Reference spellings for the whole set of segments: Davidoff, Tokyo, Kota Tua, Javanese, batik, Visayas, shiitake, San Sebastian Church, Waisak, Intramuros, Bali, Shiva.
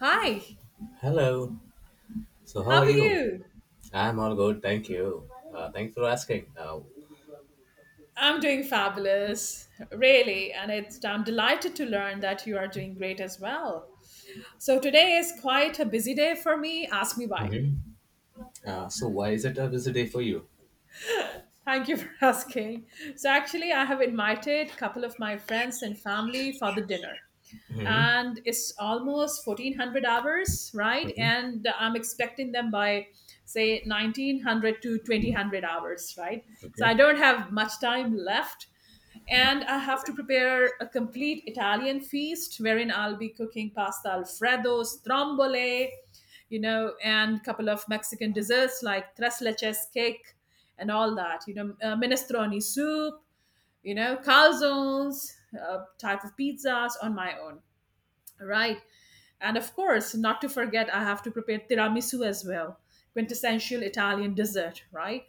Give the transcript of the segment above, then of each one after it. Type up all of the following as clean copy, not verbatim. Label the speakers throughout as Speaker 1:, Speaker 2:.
Speaker 1: Hi,
Speaker 2: Hello. So, how
Speaker 1: how
Speaker 2: are
Speaker 1: are
Speaker 2: you?
Speaker 1: you?
Speaker 2: I'm all good, thank you. Thanks for asking.
Speaker 1: I'm doing fabulous, really, and I'm delighted to learn that you are doing great as well. So, today is quite a busy day for me. Ask me why.
Speaker 2: Mhm. So, why is it a busy day for you?
Speaker 1: Thank you for asking. So actually, I have invited a couple of my friends and family for the dinner.
Speaker 2: Mm-hmm.
Speaker 1: And it's almost 1400 hours, right? And I'm expecting them by, say, 1900 to 2000 hours, right? So I
Speaker 2: Okay.
Speaker 1: don't have much time left. And I have to prepare a complete Italian feast wherein I'll be cooking pasta alfredo, strombole, and a couple of Mexican desserts like tres leches cake and all that, minestrone soup, calzones, type of pizzas on my own, right? And of course, not to forget, I have to prepare tiramisu as well, quintessential Italian dessert, right?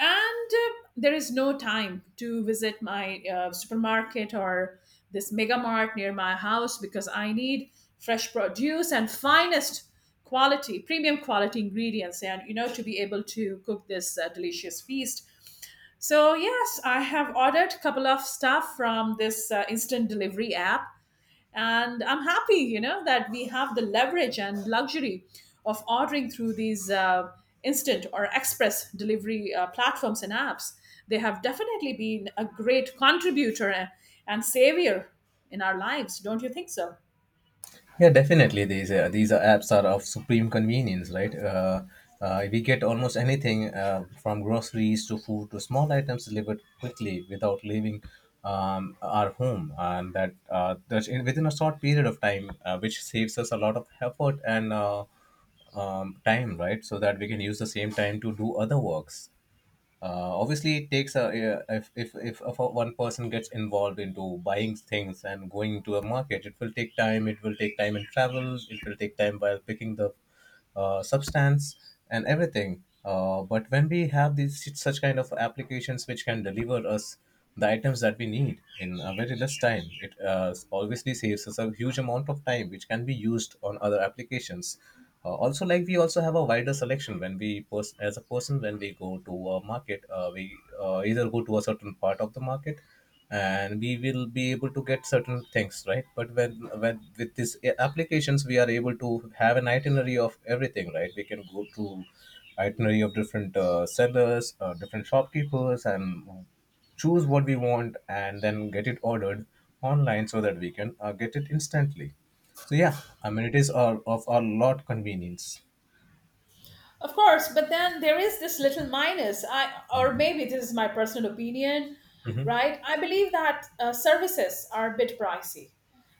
Speaker 1: And there is no time to visit my supermarket or this mega mart near my house, because I need fresh produce and finest quality, premium quality ingredients, and to be able to cook this delicious feast. So yes, I have ordered a couple of stuff from this instant delivery app. And I'm happy, you know that we have the leverage and luxury of ordering through these instant or express delivery platforms and apps. They have definitely been a great contributor, and savior in our lives, don't you think so?
Speaker 2: Yeah, definitely. These are apps are of supreme convenience, right? We get almost anything from groceries to food to small items delivered quickly without leaving our home, and that's within a short period of time, which saves us a lot of effort and time, right? So that we can use the same time to do other works. Obviously it takes a if a, one person gets involved into buying things and going to a market. It will take time. It will take time in travel. It will take time while picking the substance and everything. But when we have these such kind of applications which can deliver us the items that we need in a very less time, it obviously saves us a huge amount of time, which can be used on other applications. Also, like we also have a wider selection when we as a person when we go to a market, we either go to a certain part of the market and we will be able to get certain things, right? But when with these applications we are able to have an itinerary of everything, right? We can go to itinerary of different sellers, different shopkeepers and choose what we want and then get it ordered online so that we can get it instantly. So yeah, I mean, it is of a lot convenience.
Speaker 1: Of course, but then there is this little minus, I, or maybe this is my personal opinion,
Speaker 2: Hmm.
Speaker 1: right? I believe that services are a bit pricey.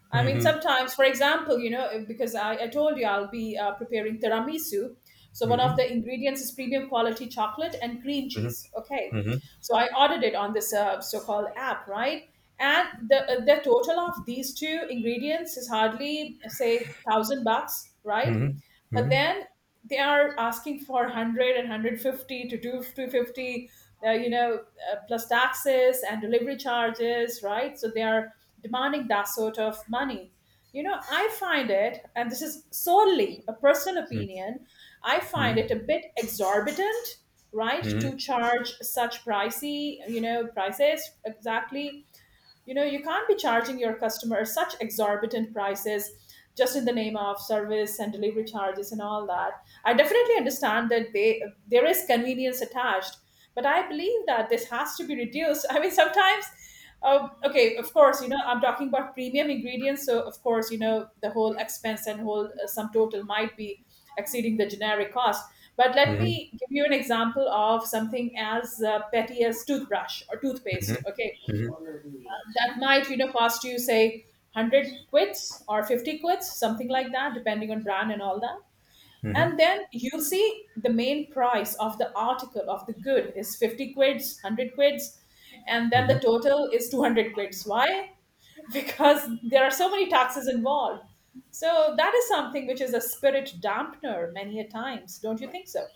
Speaker 1: I mean,
Speaker 2: Hmm.
Speaker 1: sometimes, for example, because I told you I'll be preparing tiramisu. So one of
Speaker 2: Hmm.
Speaker 1: the ingredients is premium quality chocolate and cream
Speaker 2: Hmm.
Speaker 1: cheese. Okay.
Speaker 2: Hmm.
Speaker 1: So I ordered it on this so-called app, right? And the total of these two ingredients is hardly, say, 1,000 bucks, right?
Speaker 2: Hmm. Hmm.
Speaker 1: But then they are asking for 100 and 150 to 250, uh, you know, plus taxes and delivery charges, right? So they are demanding that sort of money. I find it, and this is solely a personal opinion, I find
Speaker 2: Hmm.
Speaker 1: it a bit exorbitant, right,
Speaker 2: Hmm.
Speaker 1: to charge such pricey, prices. Exactly, you can't be charging your customers such exorbitant prices just in the name of service and delivery charges and all that. I definitely understand that they there is convenience attached, but I believe that this has to be reduced. I mean, sometimes, okay, of course, I'm talking about premium ingredients. So, of course, the whole expense and whole sum total might be exceeding the generic cost. But let
Speaker 2: Hmm.
Speaker 1: me give you an example of something as petty as toothbrush or toothpaste. Okay, that might cost you, say, 100 quits or 50 quits, something like that, depending on brand and all that. And then you'll see the main price of the article, of the good, is 50 quids, 100 quids, and then the total is 200 quids. Why? Because there are so many taxes involved. So that is something which is a spirit dampener many a times, don't you think so?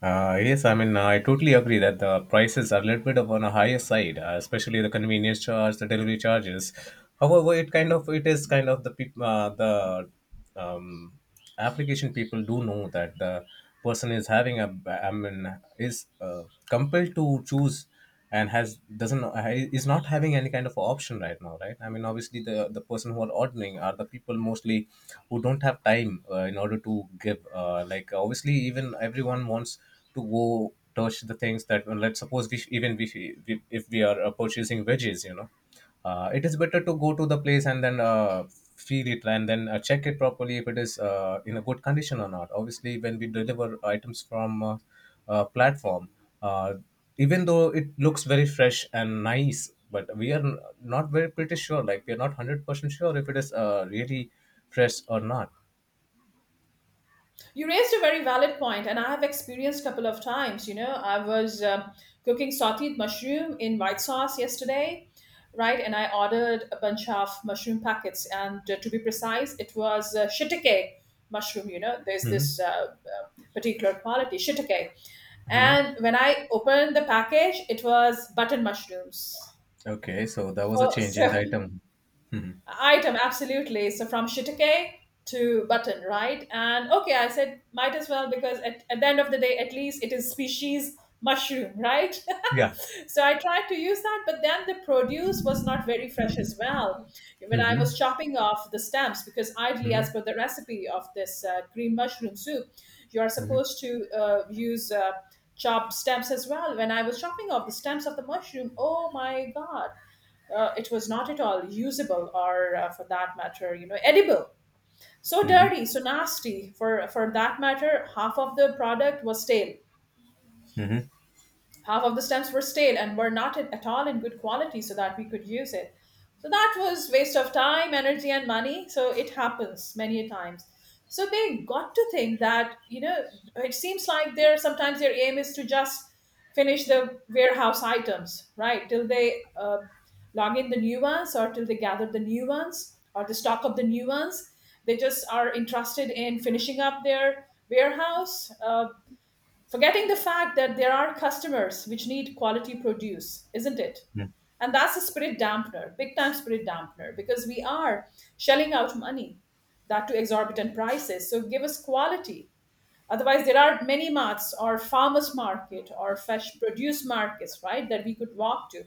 Speaker 2: Yes, I mean, I totally agree that the prices are a little bit of on a higher side, especially the convenience charge, the delivery charges. However, it is kind of the the um, application people do know that the person is having a, I mean, is compelled to choose and has, doesn't, is not having any kind of option right now, right? I mean, obviously, the person who are ordering are the people mostly who don't have time in order to give. Like obviously, even everyone wants to go touch the things. That, let's suppose, we, even if we are purchasing veggies, it is better to go to the place and then feel it and then check it properly if it is in a good condition or not. Obviously when we deliver items from platform, uh, even though it looks very fresh and nice, but we are not very pretty sure, like we are not 100% sure if it is really fresh or not.
Speaker 1: You raised a very valid point, and I have experienced couple of times. I was cooking sauteed mushroom in white sauce yesterday, right? And I ordered a bunch of mushroom packets, and to be precise, it was shiitake mushroom. There's this
Speaker 2: Hmm.
Speaker 1: particular quality shiitake,
Speaker 2: Hmm.
Speaker 1: and when I opened the package, it was button mushrooms.
Speaker 2: Okay, so that was a change in the
Speaker 1: So,
Speaker 2: item. Hmm.
Speaker 1: item, absolutely. So from shiitake to button, right? And okay, I said might as well, because at the end of the day, at least it is species mushroom, right?
Speaker 2: Yeah.
Speaker 1: So I tried to use that, but then the produce was not very fresh as well. When I was
Speaker 2: Hmm.
Speaker 1: chopping off the stems, because ideally,
Speaker 2: Hmm.
Speaker 1: as per the recipe of this green mushroom soup, you are supposed to use chopped stems as well. When I was chopping off the stems of the mushroom, oh my god, it was not at all usable, or for that matter, edible, so dirty, so nasty. For that matter, half of the product was stale,
Speaker 2: Hmm.
Speaker 1: half of the stamps were stale and were not at all in good quality so that we could use it. So that was waste of time, energy, and money. So it happens many a times. So they got to think that, it seems like their sometimes their aim is to just finish the warehouse items, right, till they uh, log in the new ones or till they gather the new ones, or the stock of the new ones. They just are interested in finishing up their warehouse, forgetting the fact that there are customers which need quality produce, isn't it?
Speaker 2: Hmm.
Speaker 1: And that's a spirit dampener, big time spirit dampener, because we are shelling out money, that to exorbitant prices. So give us quality. Otherwise, there are many marts or farmers market or fresh produce markets, right, that we could walk to.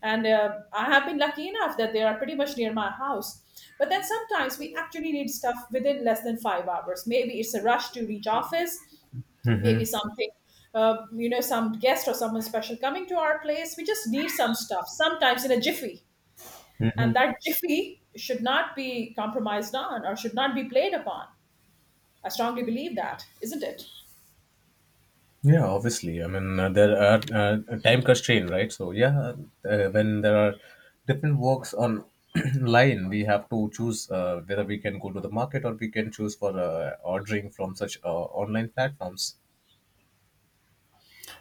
Speaker 1: And I have been lucky enough that they are pretty much near my house. But then sometimes we actually need stuff within less than 5 hours. Maybe it's a rush to reach office, maybe something, some guest or someone special coming to our place. We just need some stuff sometimes in a jiffy, and that jiffy should not be compromised on or should not be played upon. I strongly believe that, isn't it?
Speaker 2: Yeah, obviously. I mean, there are time constraint, right? So yeah, when there are different works on line, we have to choose whether we can go to the market or we can choose for ordering from such online platforms.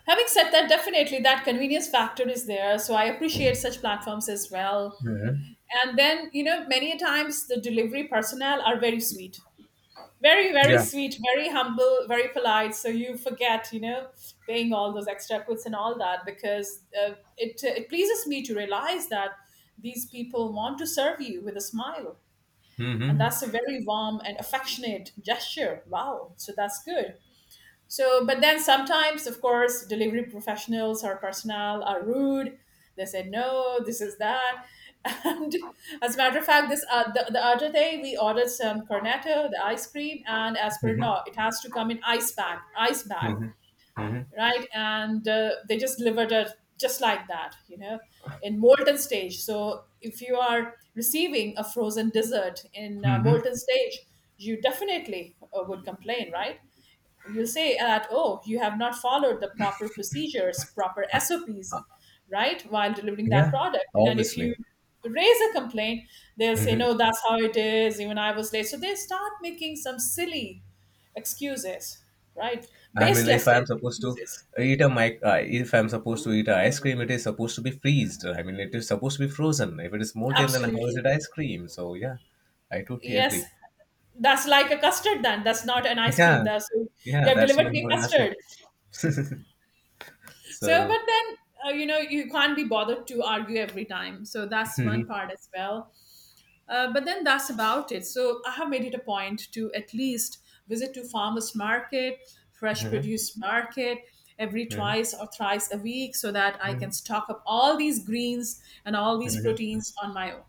Speaker 1: Having said that, definitely that convenience factor is there, so I appreciate such platforms as well.
Speaker 2: Hmm.
Speaker 1: And then many a times the delivery personnel are very sweet, very very
Speaker 2: Yeah.
Speaker 1: sweet, very humble, very polite. So you forget, paying all those extra quits and all that, because it pleases me to realize that these people want to serve you with a smile. And
Speaker 2: Hmm.
Speaker 1: that's a very warm and affectionate gesture. Wow, so that's good. So, but then sometimes, of course, delivery professionals or personnel are rude. They say no, this is that. And as a matter of fact, the other day we ordered some cornetto, the ice cream, and as per
Speaker 2: Hmm.
Speaker 1: law, it has to come in ice bag,
Speaker 2: Hmm. Hmm.
Speaker 1: right? And they just delivered it just like that, in molten stage. So if you are receiving a frozen dessert in
Speaker 2: Hmm.
Speaker 1: molten stage, you definitely would complain, right? You will say that, oh, you have not followed the proper procedures, proper sops, right, while delivering that
Speaker 2: Yeah.
Speaker 1: product. And if you
Speaker 2: Obviously.
Speaker 1: raise a complaint, they'll say
Speaker 2: Mhm.
Speaker 1: no, that's how it is, even I was late. So they start making some silly excuses, right,
Speaker 2: I mean, if
Speaker 1: baseless
Speaker 2: I'm supposed to
Speaker 1: excuses.
Speaker 2: eat a mic, if I'm supposed to eat a ice cream, it is supposed to be freezed. I mean, it is supposed to be frozen. If it is molten, then how is
Speaker 1: Absolutely.
Speaker 2: it ice cream? So yeah, I totally
Speaker 1: Yes,
Speaker 2: agree.
Speaker 1: that's like a custard then, that's not an ice cream,
Speaker 2: Yeah,
Speaker 1: that's, you
Speaker 2: yeah,
Speaker 1: have
Speaker 2: that's
Speaker 1: delivered
Speaker 2: no
Speaker 1: me
Speaker 2: more
Speaker 1: a
Speaker 2: than ice cream.
Speaker 1: custard. So,
Speaker 2: so.
Speaker 1: but then you can't be bothered to argue every time, so that's one part as well. But then that's about it. So I have made it a point to at least visit to farmers market, fresh
Speaker 2: Mhm.
Speaker 1: produce market every
Speaker 2: Mhm.
Speaker 1: twice or thrice a week so that I
Speaker 2: Mhm.
Speaker 1: can stock up all these greens and all these
Speaker 2: Mhm.
Speaker 1: proteins on my own.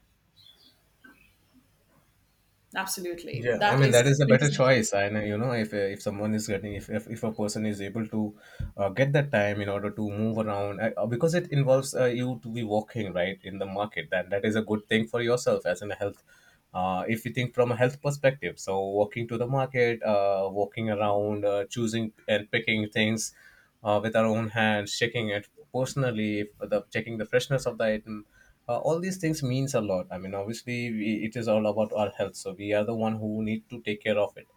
Speaker 1: Absolutely.
Speaker 2: Yeah, I
Speaker 1: That
Speaker 2: mean, that is
Speaker 1: is
Speaker 2: a better
Speaker 1: quintessential.
Speaker 2: choice. I know, you know, if someone is getting, if a person is able to get that time in order to move around, because it involves you to be walking, right, in the market, then that is a good thing for yourself as in health. If you think from a health perspective, so walking to the market, walking around, choosing and picking things with our own hands, checking it personally, if the checking the freshness of the item, all these things means a lot. I mean, obviously, it is all about our health, so we are the one who need to take care of it.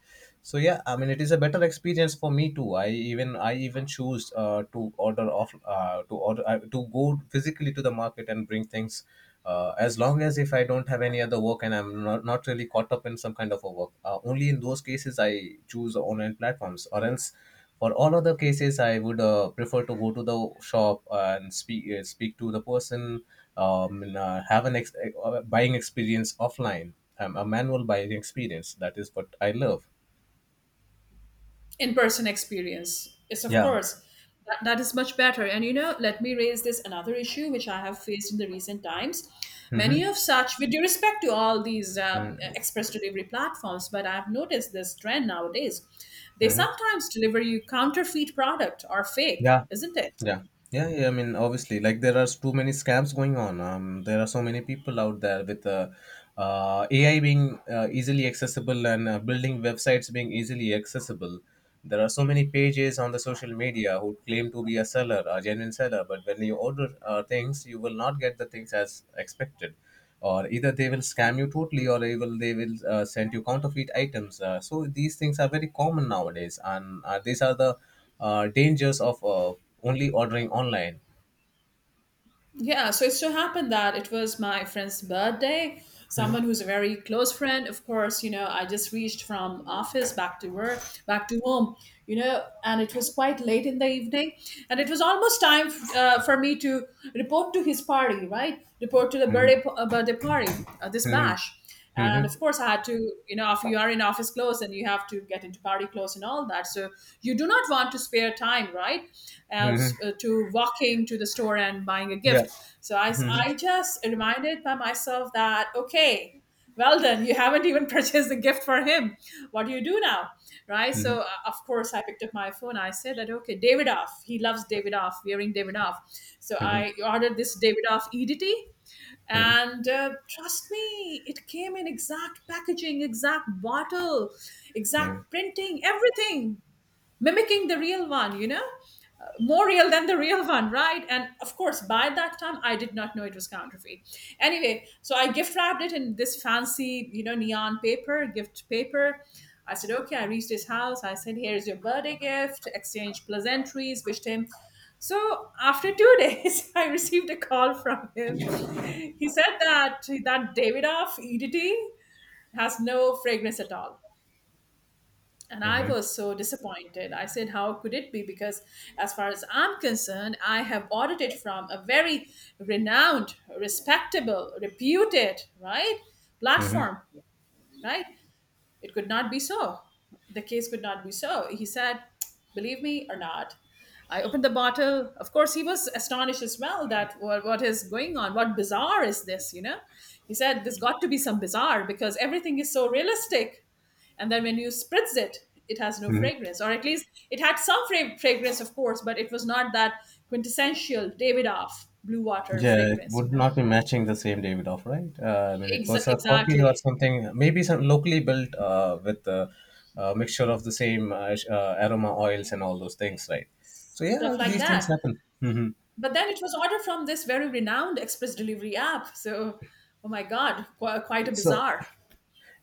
Speaker 2: So yeah, I mean, it is a better experience for me too. I even choose to order off to order to go physically to the market and bring things, as long as if I don't have any other work and I'm not really caught up in some kind of a work. Only in those cases I choose online platforms. Or else, for all other cases, I would prefer to go to the shop and speak to the person, and, have an buying experience offline, a manual buying experience. That is what I love.
Speaker 1: In-person experience, yes, of
Speaker 2: Yeah.
Speaker 1: course. That is much better. And let me raise this another issue which I have faced in the recent times, many
Speaker 2: Mm-hmm.
Speaker 1: of such, with due respect to all these express delivery platforms, but I've noticed this trend nowadays. They
Speaker 2: Mm-hmm.
Speaker 1: sometimes deliver you counterfeit product or fake,
Speaker 2: Yeah,
Speaker 1: isn't it?
Speaker 2: yeah, yeah, yeah. I mean, obviously, like there are too many scams going on. There are so many people out there with AI being easily accessible and building websites being easily accessible. There are so many pages on the social media who claim to be a seller, a genuine seller, but when you order things, you will not get the things as expected. Or either they will scam you totally, or they will send you counterfeit items. So these things are very common nowadays, and these are the dangers of only ordering online.
Speaker 1: Yeah, so it so happened that it was my friend's birthday. Someone
Speaker 2: Mhm.
Speaker 1: who's a very close friend, of course, I just reached from office back to work, back to home, and it was quite late in the evening. And it was almost time for me to report to his party, right? Report to the
Speaker 2: Mhm.
Speaker 1: birthday party, this
Speaker 2: Mhm.
Speaker 1: bash. And of
Speaker 2: Mhm.
Speaker 1: course, I had to, if you are in office clothes and you have to get into party clothes and all that, so you do not want to spare time, right,
Speaker 2: Mhm.
Speaker 1: to walking to the store and buying a
Speaker 2: Yeah.
Speaker 1: gift. So I, s-
Speaker 2: Mhm.
Speaker 1: I just reminded by myself that, okay, well done, you haven't even purchased the gift for him. What do you do now, right?
Speaker 2: Mhm.
Speaker 1: So of course, I picked up my phone. I said that, okay, Davidoff, he loves Davidoff, wearing Davidoff. So I ordered this Davidoff EDT,
Speaker 2: Mhm.
Speaker 1: and trust me, it came in exact packaging, exact bottle,
Speaker 2: Mhm.
Speaker 1: exact printing, everything mimicking the real one, you know? More real than the real one, right? And of course, by that time, I did not know it was counterfeit. Anyway, so I gift wrapped it in this fancy, neon paper, gift paper. I said, okay, I reached his house. I said, here's your birthday gift, exchange pleasantries, wished him. So after 2 days, I received a call from him. He said that Davidoff EDT has no fragrance at all. And I
Speaker 2: Mhm.
Speaker 1: was so disappointed. I said, how could it be? Because, as far as I'm concerned, I have ordered it from a very renowned, respectable, reputed, right?
Speaker 2: Mhm.
Speaker 1: Platform, right? It could not be so. The case could not be so. He said, believe me or not. I opened the bottle. Of course, he was astonished as well that what is going on? What bizarre is this? You know, he said, there's got to be some bizarre because everything is so realistic, and then when you spritz it, it has no
Speaker 2: Mhm.
Speaker 1: fragrance, or at least it had some fragrance, of course, but it was not that quintessential Davidoff Blue Water
Speaker 2: Yeah, it
Speaker 1: fragrance, you
Speaker 2: would
Speaker 1: know.
Speaker 2: not be matching the same David off, right? I mean, it was
Speaker 1: Ex-
Speaker 2: a copy or
Speaker 1: exactly,
Speaker 2: something, maybe some locally built with a mixture of the same aroma oils and all those things, right? So yeah,
Speaker 1: stuff like
Speaker 2: these things
Speaker 1: that.
Speaker 2: happen. Hmm.
Speaker 1: But then it was ordered from this very renowned express delivery app, so, oh my god, quite a
Speaker 2: So
Speaker 1: bizarre.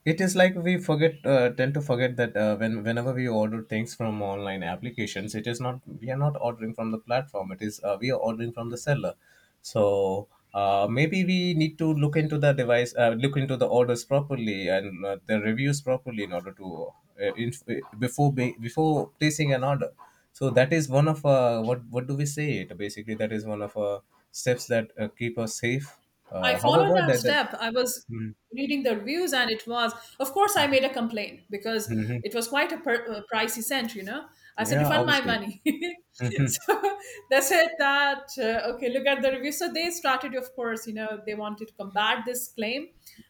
Speaker 2: it is like we forget tend to forget that whenever we order things from online applications, it is not, we are not ordering from the platform, it is we are ordering from the seller. So maybe we need to look into the device, look into the orders properly and the reviews properly in order to, uh, in, before placing an order. So that is one of, what do we say it, basically, that is one of steps that keep us safe.
Speaker 1: I followed
Speaker 2: However,
Speaker 1: that
Speaker 2: that.
Speaker 1: step. I was
Speaker 2: Mhm.
Speaker 1: reading the reviews, and it was, of course, I made a complaint because
Speaker 2: Mhm.
Speaker 1: it was quite a pricey scent, you know. I said,
Speaker 2: Yeah,
Speaker 1: refund my
Speaker 2: obviously.
Speaker 1: money.
Speaker 2: Mhm.
Speaker 1: So they said that, okay, look at the review. So they started, of course, you know, they wanted to combat this claim.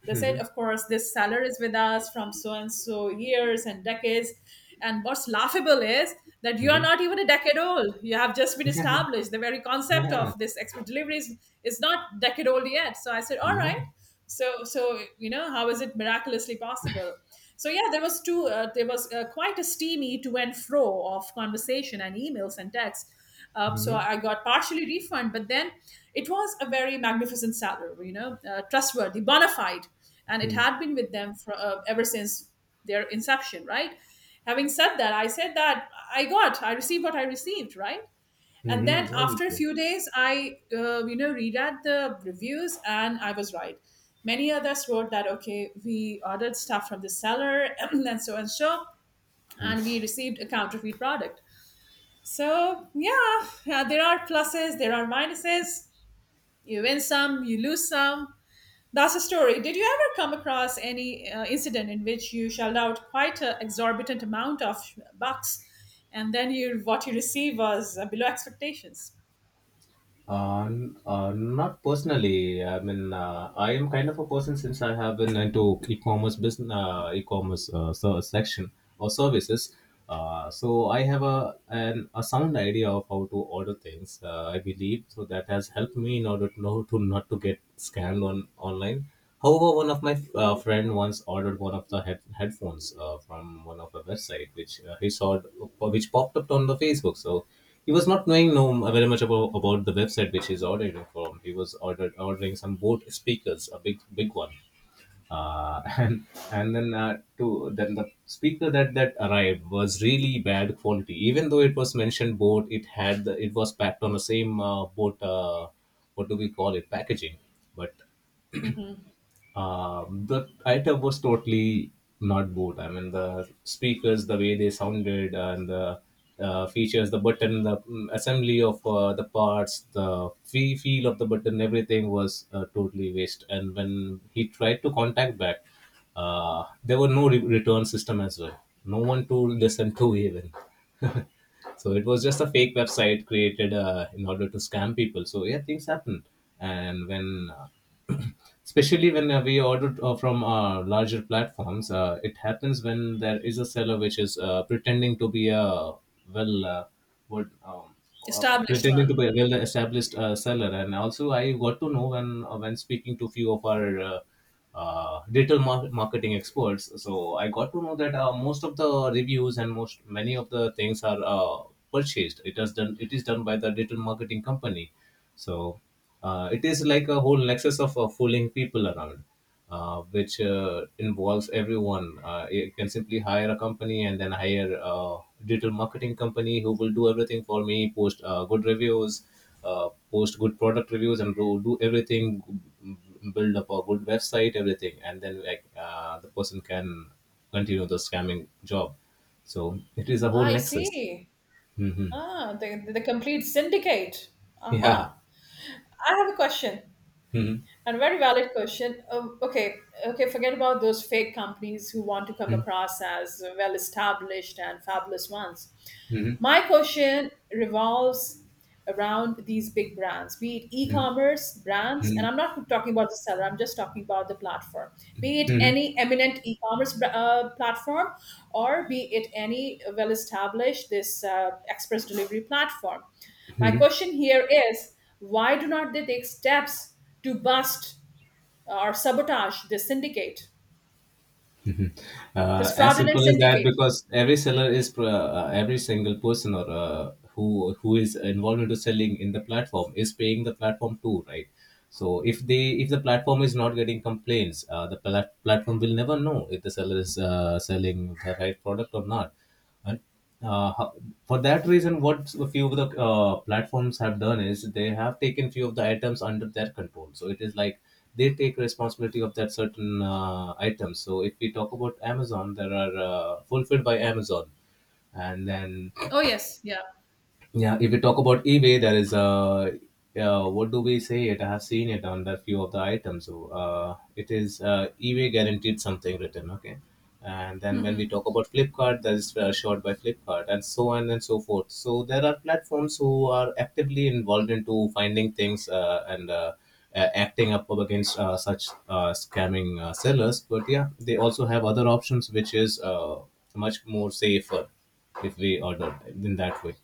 Speaker 1: They said, of course, this seller is with us from so and so years and decades. And what's laughable is that you are not even a decade old. You have just been established. The very concept of this expert deliveries is not decade old yet. So I said, all
Speaker 2: Yeah.
Speaker 1: right. So you know, how is it miraculously possible? So yeah, there was two. There was quite a steamy to and fro of conversation and emails and texts, so
Speaker 2: Mm-hmm.
Speaker 1: I got partially refund, but then it was a very magnificent salary, you know, trustworthy, bona fide, and it had been with them for ever since their inception, right? Having said that, I said that I received what I received, right? And then
Speaker 2: Mm-hmm.
Speaker 1: after a
Speaker 2: Obviously.
Speaker 1: few days, I you know, reread the reviews, and I was right. Many others wrote that okay, we ordered stuff from the seller and so and so,
Speaker 2: Mm-hmm.
Speaker 1: and we received a counterfeit product. So, yeah, yeah, there are pluses, there are minuses. You win some, you lose some. That's a story. Did you ever come across any incident in which you shelled out quite an exorbitant amount of bucks, and then you what you receive was below expectations?
Speaker 2: Not personally. I mean, I am kind of a person since I have been into e-commerce business, e-commerce, section or services. So I have a a sound idea of how to order things. I believe so that has helped me in order to know to not to get scammed on online. However, one of my friend once ordered one of the headphones from one of the website, which he saw, which popped up on the Facebook. So. He was not knowing no very much about the website which he's ordering from. He was ordered ordering some boat speakers, a big big one, and then to then the speaker that arrived was really bad quality. Even though it was mentioned boat, it had it was packed on the same boat. What do we call it? Packaging, but
Speaker 1: Hmm.
Speaker 2: the item was totally not bored. I mean, the speakers, the way they sounded, and the features, the button, the assembly of the parts, the feel of the button, everything was totally waste. And when he tried to contact back, there were no return system as well. No one to listen to even. So it was just a fake website created in order to scam people. So yeah, things happen. And when especially when we order from larger platforms, it happens when there is a seller which is pretending to be a well, what,
Speaker 1: Established
Speaker 2: pretending to
Speaker 1: one.
Speaker 2: be a well established seller. And also I got to know when speaking to few of our digital marketing experts. So I got to know that most of the reviews and most many of the things are purchased. It has done. It is done by the digital marketing company. So it is like a whole nexus of fooling people around. Which involves everyone. You can simply hire a company and then hire a digital marketing company who will do everything for me, post good reviews, post good product reviews, and do everything, build up a good website, everything, and then the person can continue the scamming job. So it is a whole
Speaker 1: I
Speaker 2: nexus.
Speaker 1: see.
Speaker 2: Hmm.
Speaker 1: Ah, the complete syndicate.
Speaker 2: Yeah.
Speaker 1: Aha. I have a question.
Speaker 2: Hmm.
Speaker 1: And very valid question. Okay, okay, forget about those fake companies who want to come across as well established and fabulous ones. My question revolves around these big brands, be it e commerce brands, and I'm not talking about the seller, I'm just talking about the platform, be it any eminent e commerce platform, or be it any well established this express delivery platform. My question here is, why do not they take steps to bust or sabotage this syndicate, this
Speaker 2: As
Speaker 1: fraudulent
Speaker 2: simple as that,
Speaker 1: syndicate.
Speaker 2: because every seller is pro- every single person or who who is involved into selling in the platform is paying the platform too, right? So if the platform is not getting complaints, platform will never know if the seller is selling the right product or not. And uh, ho- for that reason, what a few of the platforms have done is they have taken few of the items under their control. So it is like they take responsibility of that certain items. So if we talk about Amazon, there are fulfilled by Amazon, and then
Speaker 1: Oh yes, yeah.
Speaker 2: yeah, if we talk about eBay, there is a what do we say it? I have seen it on that few of the items. So it is eBay guaranteed something written, okay. And then when we talk about Flipkart, that is short by Flipkart, and so on and so forth. So there are platforms who are actively involved into finding things and acting up against such scamming sellers. But yeah, they also have other options, which is much more safer if we order in that way.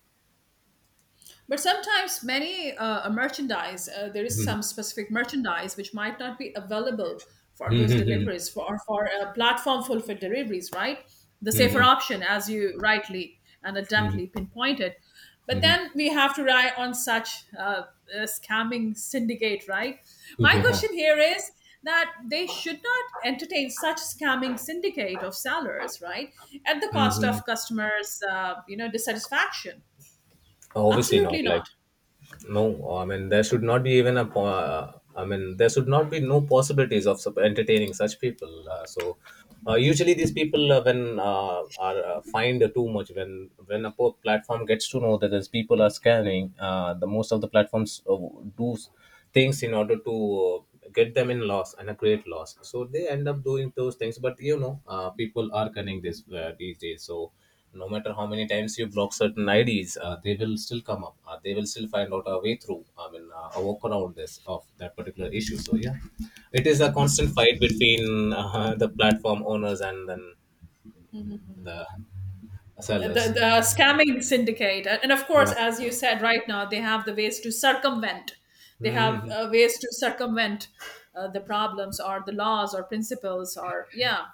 Speaker 1: But sometimes many merchandise, there is
Speaker 2: Hmm.
Speaker 1: some specific merchandise which might not be available for
Speaker 2: Mhm,
Speaker 1: those
Speaker 2: mhm,
Speaker 1: deliveries for or for platform fulfilled deliveries, right? The safer
Speaker 2: mhm,
Speaker 1: option, as you rightly and
Speaker 2: mhm,
Speaker 1: adeptly pinpointed. But
Speaker 2: mhm,
Speaker 1: then we have to rely on such a scamming syndicate, right?
Speaker 2: mhm.
Speaker 1: My
Speaker 2: Yeah.
Speaker 1: question here is that they should not entertain such scamming syndicate of sellers, right? At the cost
Speaker 2: Hmm.
Speaker 1: of customers, you know, dissatisfaction.
Speaker 2: Obviously not.
Speaker 1: Absolutely
Speaker 2: Like,
Speaker 1: not.
Speaker 2: no, I mean there should not be even I mean there should not be no possibilities of entertaining such people. So usually these people when uh, are find too much when when a platform gets to know that these people are scanning. The most of the platforms do s- things in order to uh, get them in loss and a great loss. So they end up doing those things. But you know, people are cunning this these days. So no matter how many times you block certain IDs, they will still come up. They will still find out a way through. I mean, a work around this of that particular issue. So yeah, it is a constant fight between the platform owners and then the sellers.
Speaker 1: The scamming syndicate, and of course,
Speaker 2: Yeah.
Speaker 1: as you said, right now they have the ways to circumvent, they have
Speaker 2: Hmm.
Speaker 1: ways to circumvent the problems or the laws or principles, or yeah,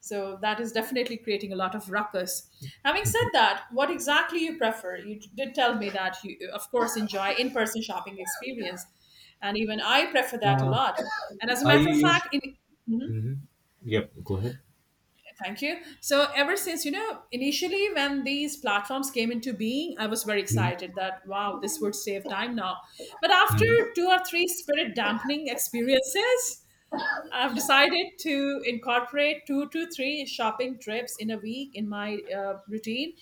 Speaker 1: so that is definitely creating a lot of ruckus. Having said that, what exactly you prefer? You did tell me that you of course enjoy in-person shopping experience, and even I prefer that a
Speaker 2: Uh,
Speaker 1: lot, and as a
Speaker 2: I
Speaker 1: matter of
Speaker 2: use.
Speaker 1: fact, in—
Speaker 2: Hmm. Yep. Go ahead.
Speaker 1: thank you. So ever since, you know, initially when these platforms came into being, I was very
Speaker 2: Mhm.
Speaker 1: excited that wow, this would save time now. But after
Speaker 2: Mhm.
Speaker 1: 2 or 3 spirit dampening experiences, I've decided to incorporate 2 to 3 shopping trips in a week in my routine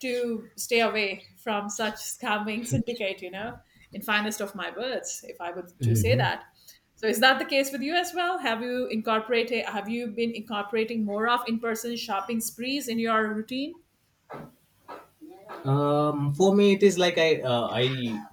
Speaker 1: to stay away from such scamming syndicate, you know, in finest of my words, if I were to say that. So is that the case with you as well? Have you been incorporating more of in-person shopping sprees in your routine?
Speaker 2: For me, it is like I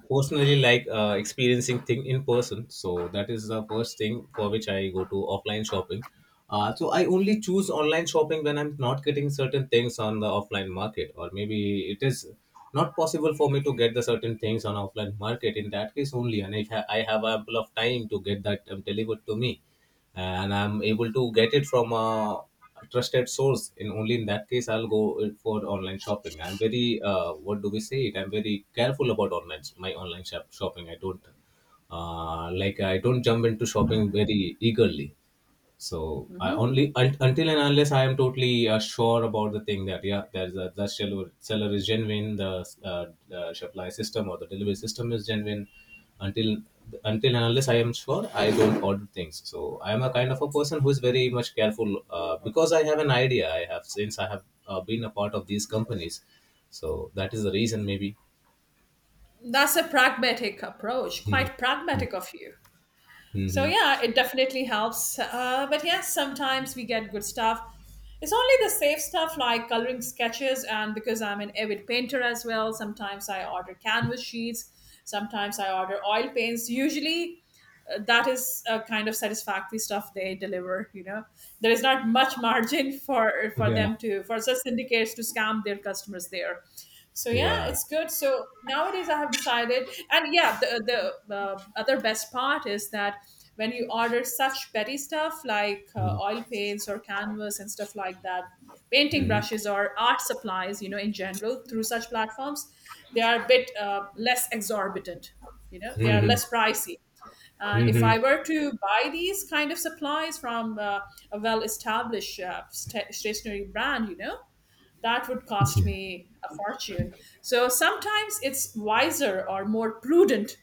Speaker 2: personally like experiencing thing in person. So that is the first thing for which I go to offline shopping. So I only choose online shopping when I'm not getting certain things on the offline market, or maybe it is not possible for me to get the certain things on offline market. In that case only, and if I have ample of time to get that delivered to me and I'm able to get it from a trusted source, in only in that case I'll go it for online shopping. I'm very what do we say it? I'm very careful about online shopping. I don't I don't jump into shopping very eagerly. So I only until and unless I am totally sure about the thing that yeah, the seller is genuine, the supply system or the delivery system is genuine. Until until and unless I am sure, I don't order things. So I am a kind of a person who is very much careful because I have an idea. I have Since I have been a part of these companies, so that is the reason maybe.
Speaker 1: That's a pragmatic approach, quite pragmatic of you. So
Speaker 2: Mm-hmm.
Speaker 1: yeah, it definitely helps. But yes, sometimes we get good stuff. It's only the safe stuff like coloring sketches, and because I'm an avid painter as well, sometimes I order canvas sheets, sometimes I order oil paints. Usually, that is a kind of satisfactory stuff they deliver, you know. There is not much margin for
Speaker 2: Yeah.
Speaker 1: them to for such syndicates to scam their customers there. So yeah,
Speaker 2: Yeah.
Speaker 1: it's good. So nowadays I have decided, and yeah, the other best part is that when you order such petty stuff like oil paints or canvas and stuff like that, painting
Speaker 2: Mm-hmm.
Speaker 1: brushes or art supplies, you know, in general through such platforms, they are a bit less exorbitant, you know, they are less pricey. And if
Speaker 2: Mm-hmm.
Speaker 1: I were to buy these kind of supplies from a well-established stationery brand, you know, that would cost
Speaker 2: Yeah.
Speaker 1: me a fortune. So sometimes it's wiser or more prudent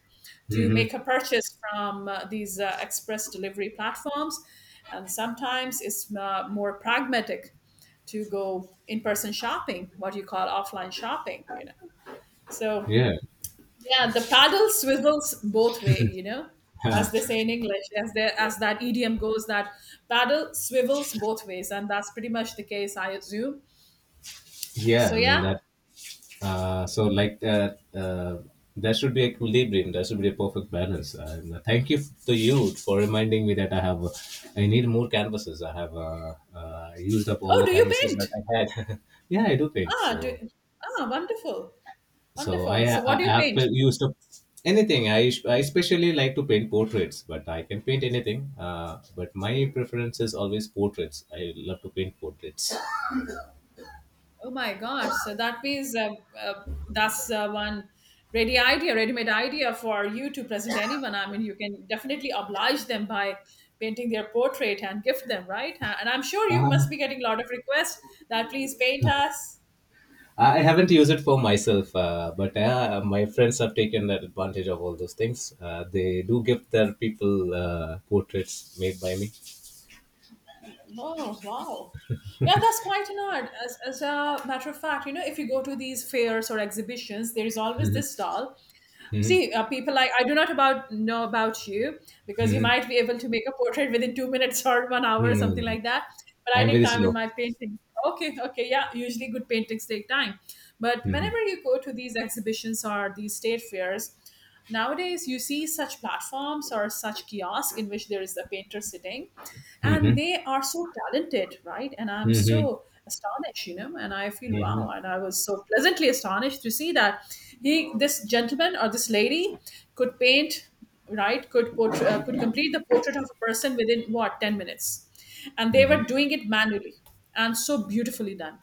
Speaker 1: to make a purchase from these express delivery platforms, and sometimes it's more pragmatic to go in-person shopping, what you call offline shopping, you know. So
Speaker 2: Yeah.
Speaker 1: yeah, the paddle swizzles both way, you know, as they say in English, as there as that idiom goes, that paddle swivels both ways, and that's pretty much the case, I assume.
Speaker 2: Yeah. I
Speaker 1: So
Speaker 2: mean
Speaker 1: yeah.
Speaker 2: that. Uh, so like that. uh, there should be equilibrium, there should be a perfect balance, and thank you to you for reminding me that I have I need more canvases. I have used up all
Speaker 1: Oh,
Speaker 2: the
Speaker 1: do you
Speaker 2: canvases that
Speaker 1: paint?
Speaker 2: I had. Yeah, I do paint,
Speaker 1: Ah, do,
Speaker 2: so
Speaker 1: ah, wonderful,
Speaker 2: so i
Speaker 1: wonderful. So what do
Speaker 2: I
Speaker 1: you
Speaker 2: have
Speaker 1: paint?
Speaker 2: used up anything. I especially like to paint portraits, but I can paint anything, but my preference is always portraits. I love to paint portraits.
Speaker 1: Oh my gosh! So that means uh, that's one ready-made idea for you to present anyone. I mean, you can definitely oblige them by painting their portrait and gift them, right? And I'm sure you must be getting a lot of requests that please paint us.
Speaker 2: I haven't used it for myself, but my friends have taken that advantage of all those things. They do give their people portraits made by me.
Speaker 1: Oh wow! Yeah, that's quite an art. As a matter of fact, you know, if you go to these fairs or exhibitions, there is always this stall. See, people like I do not about know about you, because you
Speaker 2: Mhm.
Speaker 1: might be able to make a portrait within 2 minutes or one hour or something
Speaker 2: Mhm.
Speaker 1: like that. But I
Speaker 2: I'm
Speaker 1: take
Speaker 2: very
Speaker 1: time in
Speaker 2: slow.
Speaker 1: my painting. Okay, okay, yeah. Usually, good paintings take time. But
Speaker 2: Hmm.
Speaker 1: whenever you go to these exhibitions or these state fairs, nowadays you see such platforms or such kiosk in which there is a painter sitting, and
Speaker 2: Hmm.
Speaker 1: they are so talented, right? And I'm
Speaker 2: Hmm.
Speaker 1: so astonished, you know, and I feel wow,
Speaker 2: Hmm.
Speaker 1: and I was so pleasantly astonished to see that this gentleman or this lady, could paint, right? Could portray, could complete the portrait of a person within what 10 minutes, and they
Speaker 2: Hmm.
Speaker 1: were doing it manually, and so beautifully done.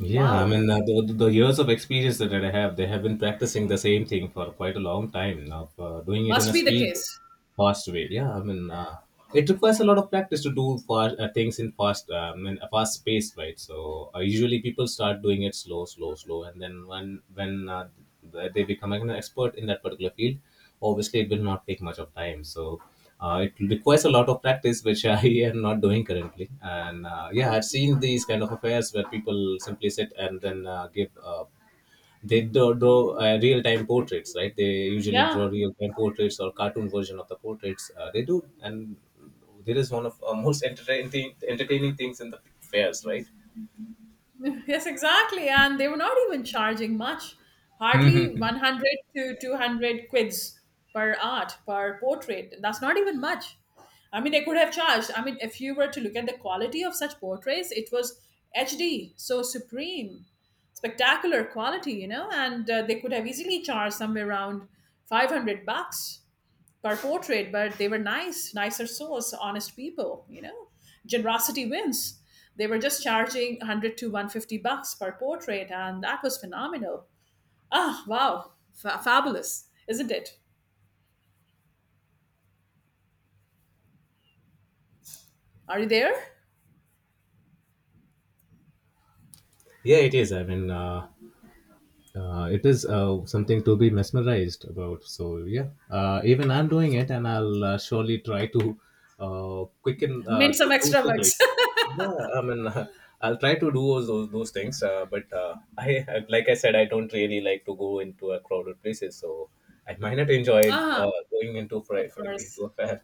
Speaker 2: Yeah, I
Speaker 1: Wow.
Speaker 2: mean, the years of experience that I have, they have been practicing the same thing for quite a long time now, doing it in
Speaker 1: Must
Speaker 2: a
Speaker 1: be the
Speaker 2: speed,
Speaker 1: case.
Speaker 2: fast way. Yeah, I mean, it requires a lot of practice to do fast things in fast, in a fast pace, right? So usually people start doing it slow, and then when they become an expert in that particular field, obviously it will not take much of time. So it requires a lot of practice, which I am not doing currently. And yeah, I've seen these kind of affairs where people simply sit and then give they draw real-time portraits, right? They usually draw
Speaker 1: Yeah,
Speaker 2: real-time portraits or cartoon version of the portraits they do. And there is one of most entertaining things in the fairs, right?
Speaker 1: yes, exactly. And they were not even charging much, hardly 100 to 200 quids per art, per portrait. That's not even much. I mean, they could have charged. I mean, if you were to look at the quality of such portraits, it was HD, so supreme, spectacular quality, you know, and they could have easily charged somewhere around $500 per portrait, but they were nice, nicer souls, honest people, you know. Generosity wins. They were just charging 100 to $150 per portrait, and that was phenomenal. Ah, wow. Fa Fabulous, isn't it? Are you there?
Speaker 2: Yeah, it is, I mean, it is something to be mesmerized about. So yeah, even I'm doing it and I'll surely try to quicken
Speaker 1: Made
Speaker 2: to
Speaker 1: some
Speaker 2: do
Speaker 1: extra
Speaker 2: to like
Speaker 1: bucks.
Speaker 2: yeah, I mean, I'll try to do those things, but like I said, I don't really like to go into a crowded places, so I might not enjoy
Speaker 1: Ah,
Speaker 2: going
Speaker 1: of
Speaker 2: into
Speaker 1: course.
Speaker 2: a fair.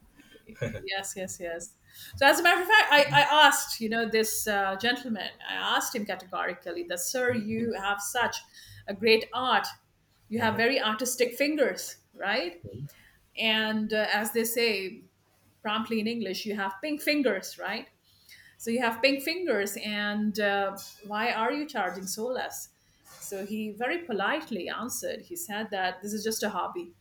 Speaker 1: Yes, yes, yes. So, as a matter of fact, I asked, you know, this gentleman, I asked him categorically that, sir, you have such a great art. You have very artistic fingers, right? And as they say promptly in English, you have pink fingers, right? So you have pink fingers, and why are you charging so less? So he very politely answered. He said that this is just a hobby.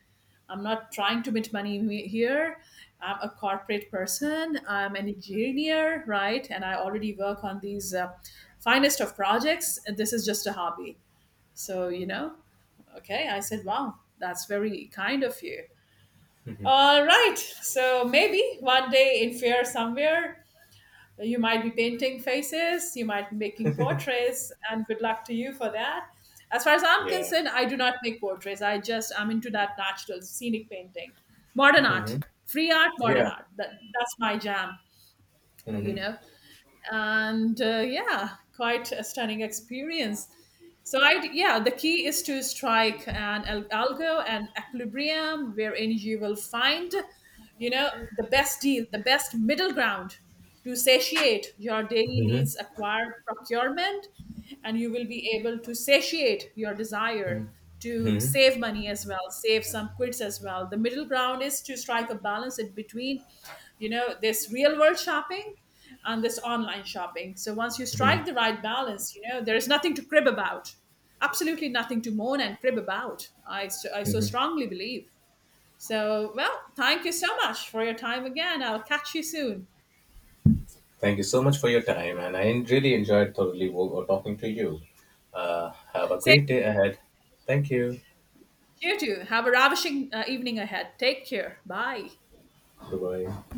Speaker 1: I'm not trying to make money here. I'm a corporate person. I'm an engineer, right? And I already work on these finest of projects. And this is just a hobby. So, you know, okay. I said, wow, that's very kind of you. All right. So maybe one day in fair somewhere, you might be painting faces, you might be making portraits, and good luck to you for that. As far as I'm
Speaker 2: Yeah.
Speaker 1: concerned, I do not make portraits. I just am into that natural scenic painting, modern art,
Speaker 2: Hmm.
Speaker 1: free art, modern
Speaker 2: Yeah.
Speaker 1: art. That's my jam, you
Speaker 2: Hmm.
Speaker 1: know. And yeah, quite a stunning experience. So I yeah, the key is to strike an algo and equilibrium wherein you will find, you know, the best deal, the best middle ground to satiate your daily
Speaker 2: Hmm.
Speaker 1: needs, acquire procurement, and you will be able to satiate your desire
Speaker 2: Hmm.
Speaker 1: to
Speaker 2: Hmm.
Speaker 1: save money as well, save some quids as well. The middle ground is to strike a balance in between, you know, this real world shopping and this online shopping. So once you strike the right balance, you know, there is nothing to crib about, absolutely nothing to moan and crib about. I so
Speaker 2: Hmm.
Speaker 1: strongly believe. So, well, thank you so much for your time again. I'll catch you soon.
Speaker 2: Thank you so much for your time, and I really enjoyed thoroughly talking to you. Have a
Speaker 1: Say
Speaker 2: great day ahead. Thank you.
Speaker 1: you too. Have a ravishing evening ahead. Take care. Bye.
Speaker 2: Goodbye.